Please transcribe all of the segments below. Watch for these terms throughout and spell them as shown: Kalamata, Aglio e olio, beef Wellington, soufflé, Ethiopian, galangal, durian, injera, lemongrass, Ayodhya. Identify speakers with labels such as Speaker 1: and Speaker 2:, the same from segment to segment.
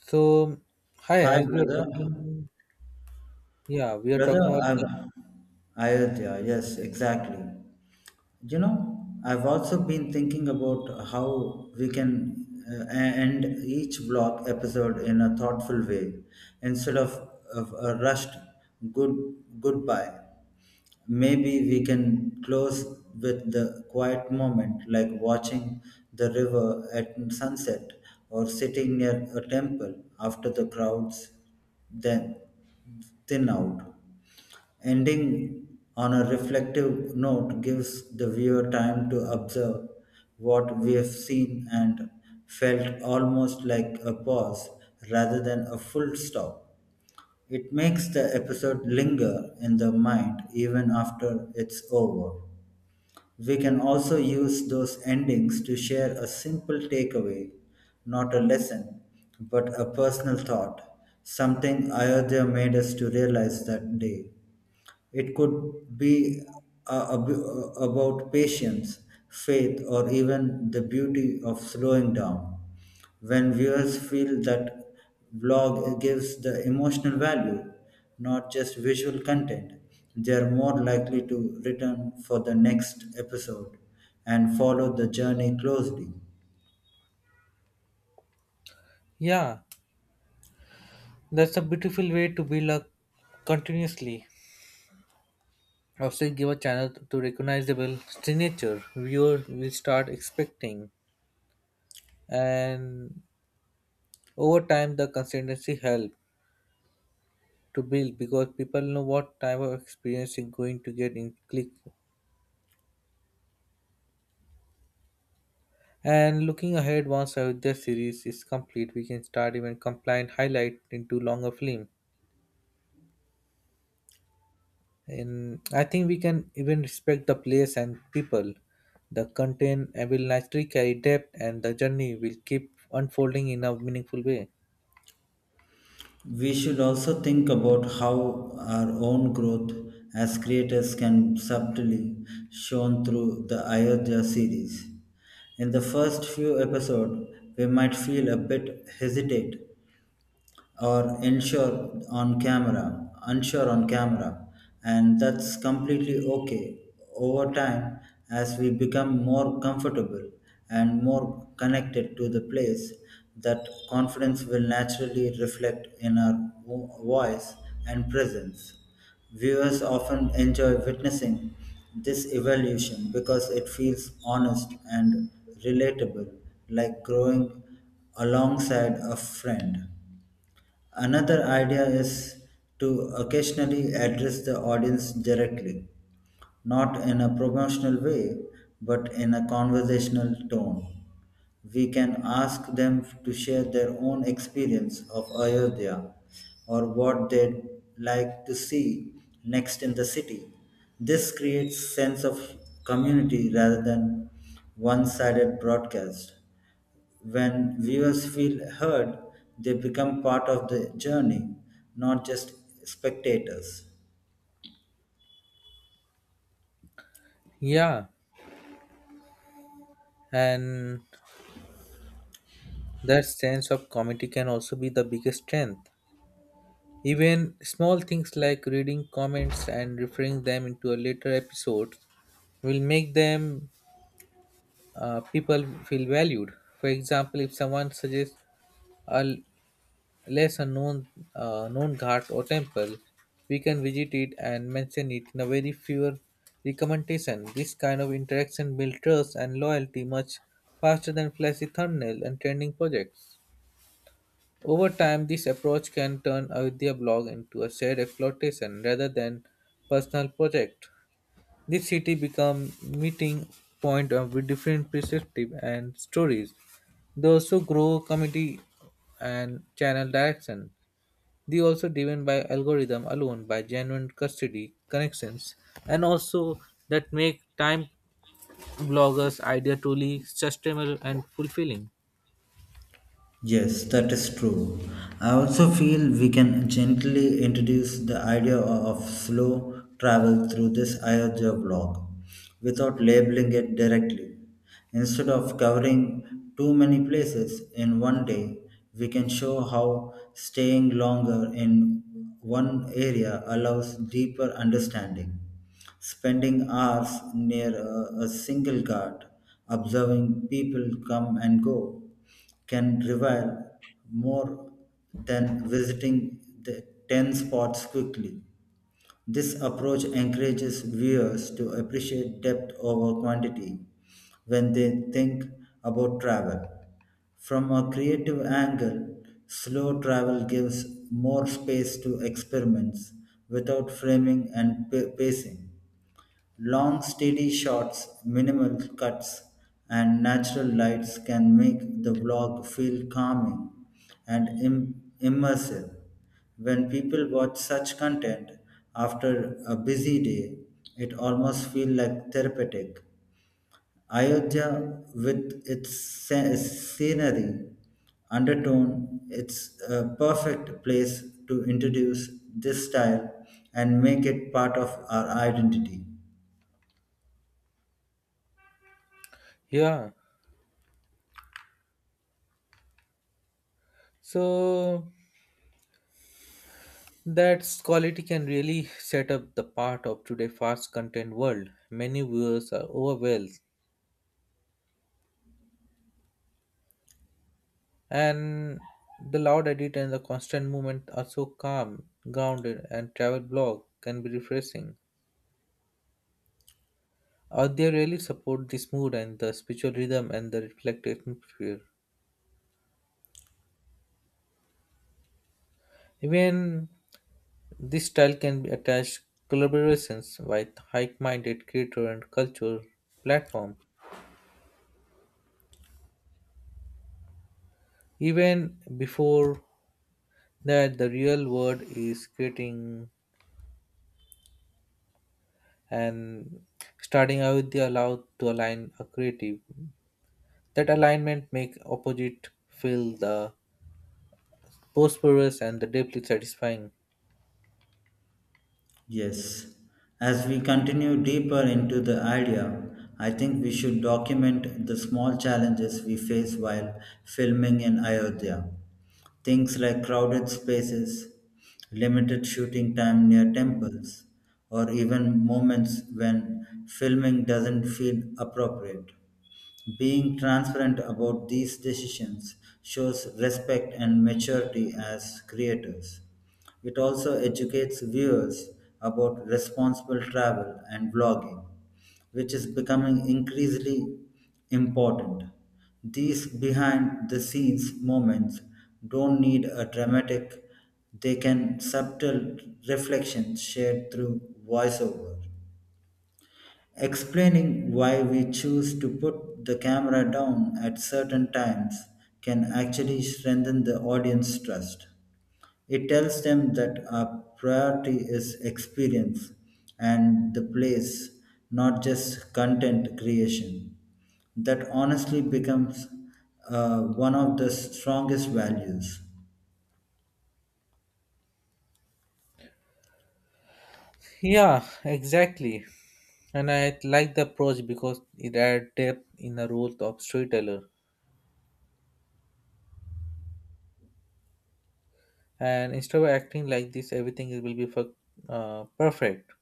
Speaker 1: So, hi,
Speaker 2: Hi,
Speaker 1: as we are
Speaker 2: brother.
Speaker 1: talking, yeah, we are talking
Speaker 2: Brother,
Speaker 1: about,
Speaker 2: I'm Ayodhya. Yes, exactly. You know, I've also been thinking about how we can end each block episode in a thoughtful way instead of, of a rushed good goodbye. Maybe we can close with the quiet moment, like watching the river at sunset or sitting near a temple after the crowds then thin out. Ending on a reflective note gives the viewer time to observe what we have seen and felt almost like a pause rather than a full stop. It makes the episode linger in the mind even after it's over. We can also use those endings to share a simple takeaway, not a lesson, but a personal thought, something Ayodhya made us to realize that day. It could be about patience, faith, or even the beauty of slowing down. When viewers feel that vlog gives the emotional value, not just visual content, they are more likely to return for the next episode and follow the journey closely.
Speaker 1: yeah, that's a beautiful way to build a continuously. Also, give a channel to recognizable signature viewer will start expecting, and over time, the consistency help to build because people know what type of experience is going to get in click. And looking ahead, once Ayodhya series is complete, we can start even compliant highlight into longer film. And I think we can even respect the place and people. The content will naturally carry depth, and the journey will keep unfolding in a meaningful way.
Speaker 2: We should also think about how our own growth as creators can subtly shown through the Ayodhya series. In the first few episodes, we might feel a bit hesitate or unsure on camera, and that's completely okay. Over time, as we become more comfortable and more connected to the place, that confidence will naturally reflect in our voice and presence. Viewers often enjoy witnessing this evolution because it feels honest and relatable, like growing alongside a friend. Another idea is to occasionally address the audience directly, not in a promotional way, but in a conversational tone. We can ask them to share their own experience of Ayodhya or what they'd like to see next in the city. This creates sense of community rather than one-sided broadcast. When viewers feel heard, they become part of the journey, not just spectators.
Speaker 1: Yeah, and that sense of community can also be the biggest strength. Even small things like reading comments and referring them into a later episode will make them people feel valued. For example, if someone suggests a less unknown known ghat or temple, we can visit it and mention it in a very fewer recommendation. This kind of interaction builds trust and loyalty much faster than flashy thumbnail and trending projects. Over time, this approach can turn Ayodhya blog into a shared exploitation rather than personal project. This city become meeting point of with different perspective and stories. Those who grow community and channel direction. They also driven by algorithm alone by genuine custody connections and also that make time bloggers idea truly sustainable and fulfilling.
Speaker 2: Yes, that is true. I also feel we can gently introduce the idea of slow travel through this Ayodhya blog without labeling it directly. Instead of covering too many places in one day, we can show how staying longer in one area allows deeper understanding. Spending hours near a single guard, observing people come and go, can reveal more than visiting the 10 spots quickly. This approach encourages viewers to appreciate depth over quantity when they think about travel. From a creative angle, slow travel gives more space to experiments without framing and pacing. Long, steady shots, minimal cuts, and natural lights can make the vlog feel calming and immersive. When people watch such content after a busy day, it almost feels like therapeutic. Ayodhya, with its scenery, undertone, it's a perfect place to introduce this style and make it part of our identity.
Speaker 1: Yeah. So that quality can really set up the part of today fast content world. Many viewers are overwhelmed and the loud edit and the constant movement are so calm, grounded and travel blog can be refreshing. They really support this mood and the spiritual rhythm and the reflective atmosphere. Even this style can be attached collaborations with high-minded creator and culture platform. Even before that, the real world is creating and starting out the allowed to align a creative. That alignment make opposite feel the prosperous and the deeply satisfying.
Speaker 2: Yes, as we continue deeper into the idea, I think we should document the small challenges we face while filming in Ayodhya. Things like crowded spaces, limited shooting time near temples, or even moments when filming doesn't feel appropriate. Being transparent about these decisions shows respect and maturity as creators. It also educates viewers about responsible travel and vlogging, which is becoming increasingly important. These behind the scenes moments don't need a dramatic, they can subtle reflections shared through voiceover. Explaining why we choose to put the camera down at certain times can actually strengthen the audience trust. It tells them that our priority is experience and the place, not just content creation. That honestly becomes one of the strongest values.
Speaker 1: Yeah, exactly. And I like the approach because it adds depth in the role of storyteller. And instead of acting like this, everything will be for, perfect.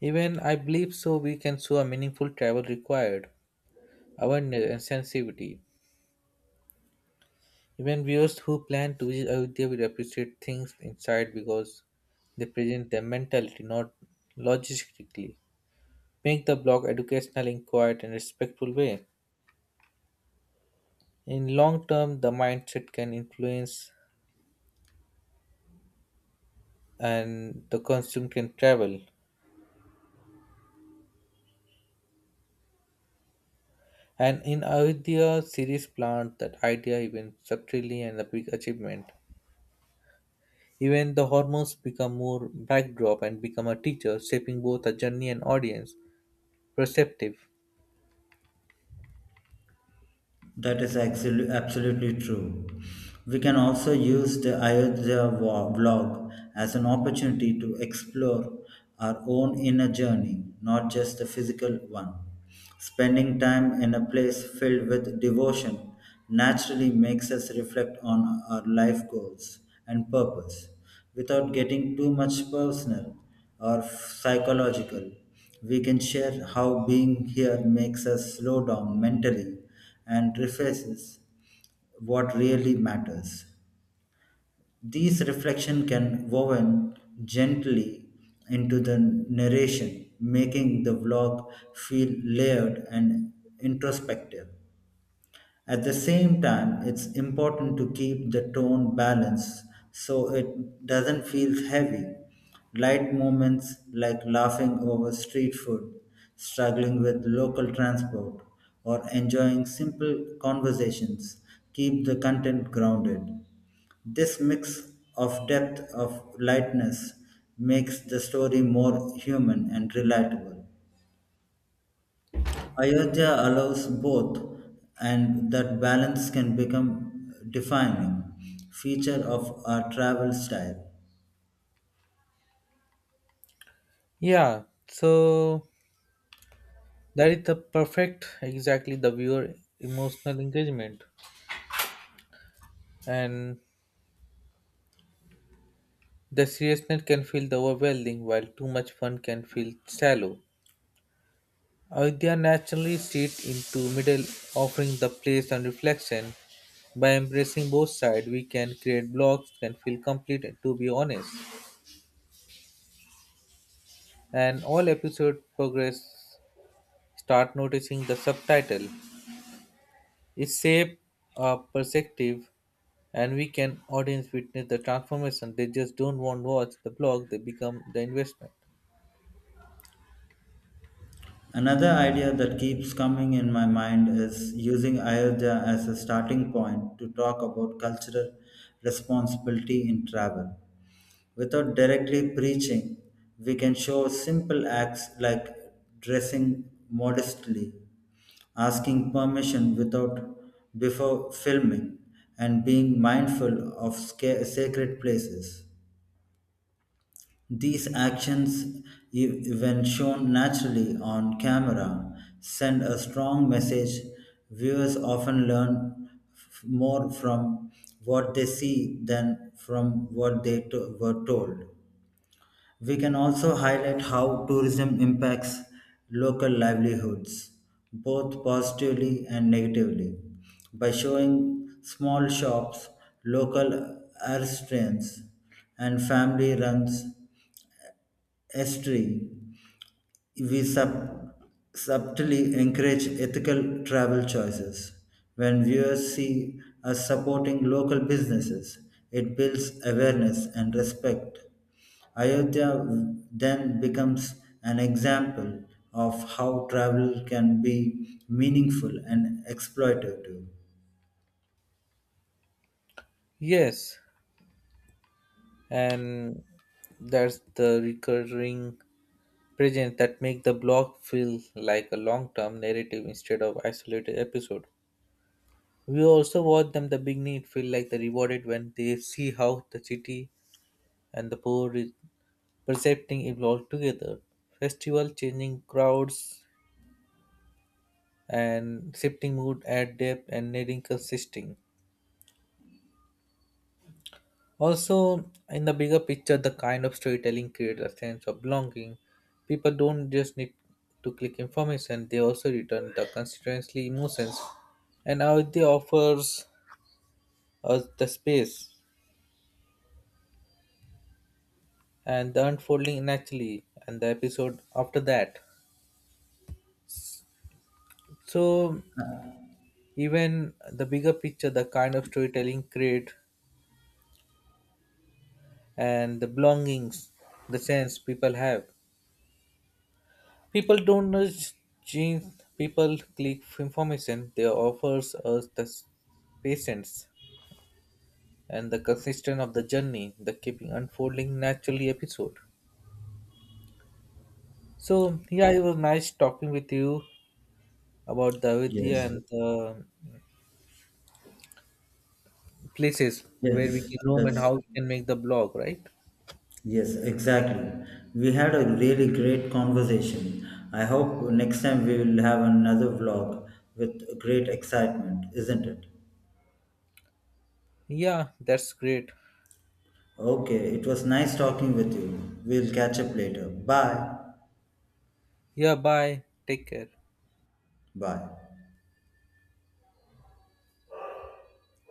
Speaker 1: Even I believe so, we can show a meaningful travel required, awareness and sensitivity. Even viewers who plan to visit Ayodhya will appreciate things inside because they present their mentality, not logistically. Make the blog educational in quiet and respectful way. In long term, the mindset can influence and the consume can travel. And in Avidya series plant that idea even structurally and a big achievement. Even the hormones become more backdrop and become a teacher, shaping both a journey and audience, perceptive.
Speaker 2: That is absolutely true. We can also use the Ayodhya vlog as an opportunity to explore our own inner journey, not just the physical one. Spending time in a place filled with devotion naturally makes us reflect on our life goals and purpose without getting too much personal or psychological. We can share how being here makes us slow down mentally and refaces what really matters. These reflection can woven gently into the narration, making the vlog feel layered and introspective. At the same time, it's important to keep the tone balanced so it doesn't feel heavy. Light moments like laughing over street food, struggling with local transport, or enjoying simple conversations keep the content grounded. This mix of depth of lightness makes the story more human and relatable. Ayodhya allows both, and that balance can become defining feature of our travel style.
Speaker 1: Yeah, so that is the perfect exactly the viewer emotional engagement. And the seriousness can feel the overwhelming while too much fun can feel shallow. Avidya naturally sits into middle, offering the place and reflection. By embracing both sides, we can create blocks can feel complete to be honest. And all episode progress start noticing the subtitle. It shape a perspective and we can audience witness the transformation. They just don't want watch the blog, they become the investment.
Speaker 2: Another idea that keeps coming in my mind is using Ayodhya as a starting point to talk about cultural responsibility in travel. Without directly preaching, we can show simple acts like dressing modestly, asking permission without before filming, and being mindful of sacred places. These actions, when shown naturally on camera, send a strong message. Viewers often learn more from what they see than from what they were told. We can also highlight how tourism impacts local livelihoods, both positively and negatively, by showing small shops, local restaurants, and family runs Estry, we subtly encourage ethical travel choices. When viewers see us supporting local businesses, it builds awareness and respect. Ayodhya then becomes an example of how travel can be meaningful and exploitative.
Speaker 1: Yes, and that's the recurring presence that make the blog feel like a long-term narrative instead of isolated episode. We also watch them the beginning it feel like they rewarded when they see how the city and the poor is percepting it all together. Festival changing crowds and shifting mood add depth and needing consisting. Also, in the bigger picture, the kind of storytelling creates a sense of belonging. People don't just need to click information, they also return the constituency emotions. And how it offers us the space and the unfolding naturally and the episode after that. So even the bigger picture, the kind of storytelling create and the belongings, the sense people have. People don't nudge genes, people click information they offers us patience and the consistent of the journey, the keeping unfolding naturally episode. So yeah, it was nice talking with you about the Avidya
Speaker 2: Yes,
Speaker 1: and the places where we
Speaker 2: yes,
Speaker 1: can roam and
Speaker 2: that's
Speaker 1: how we can make the blog, right?
Speaker 2: Yes, exactly. We had a really great conversation. I hope next time we will have another vlog with great excitement, isn't it?
Speaker 1: Yeah, that's great.
Speaker 2: Okay, it was nice talking with you. We'll catch up later. Bye.
Speaker 1: Yeah, bye. Take care.
Speaker 2: Bye.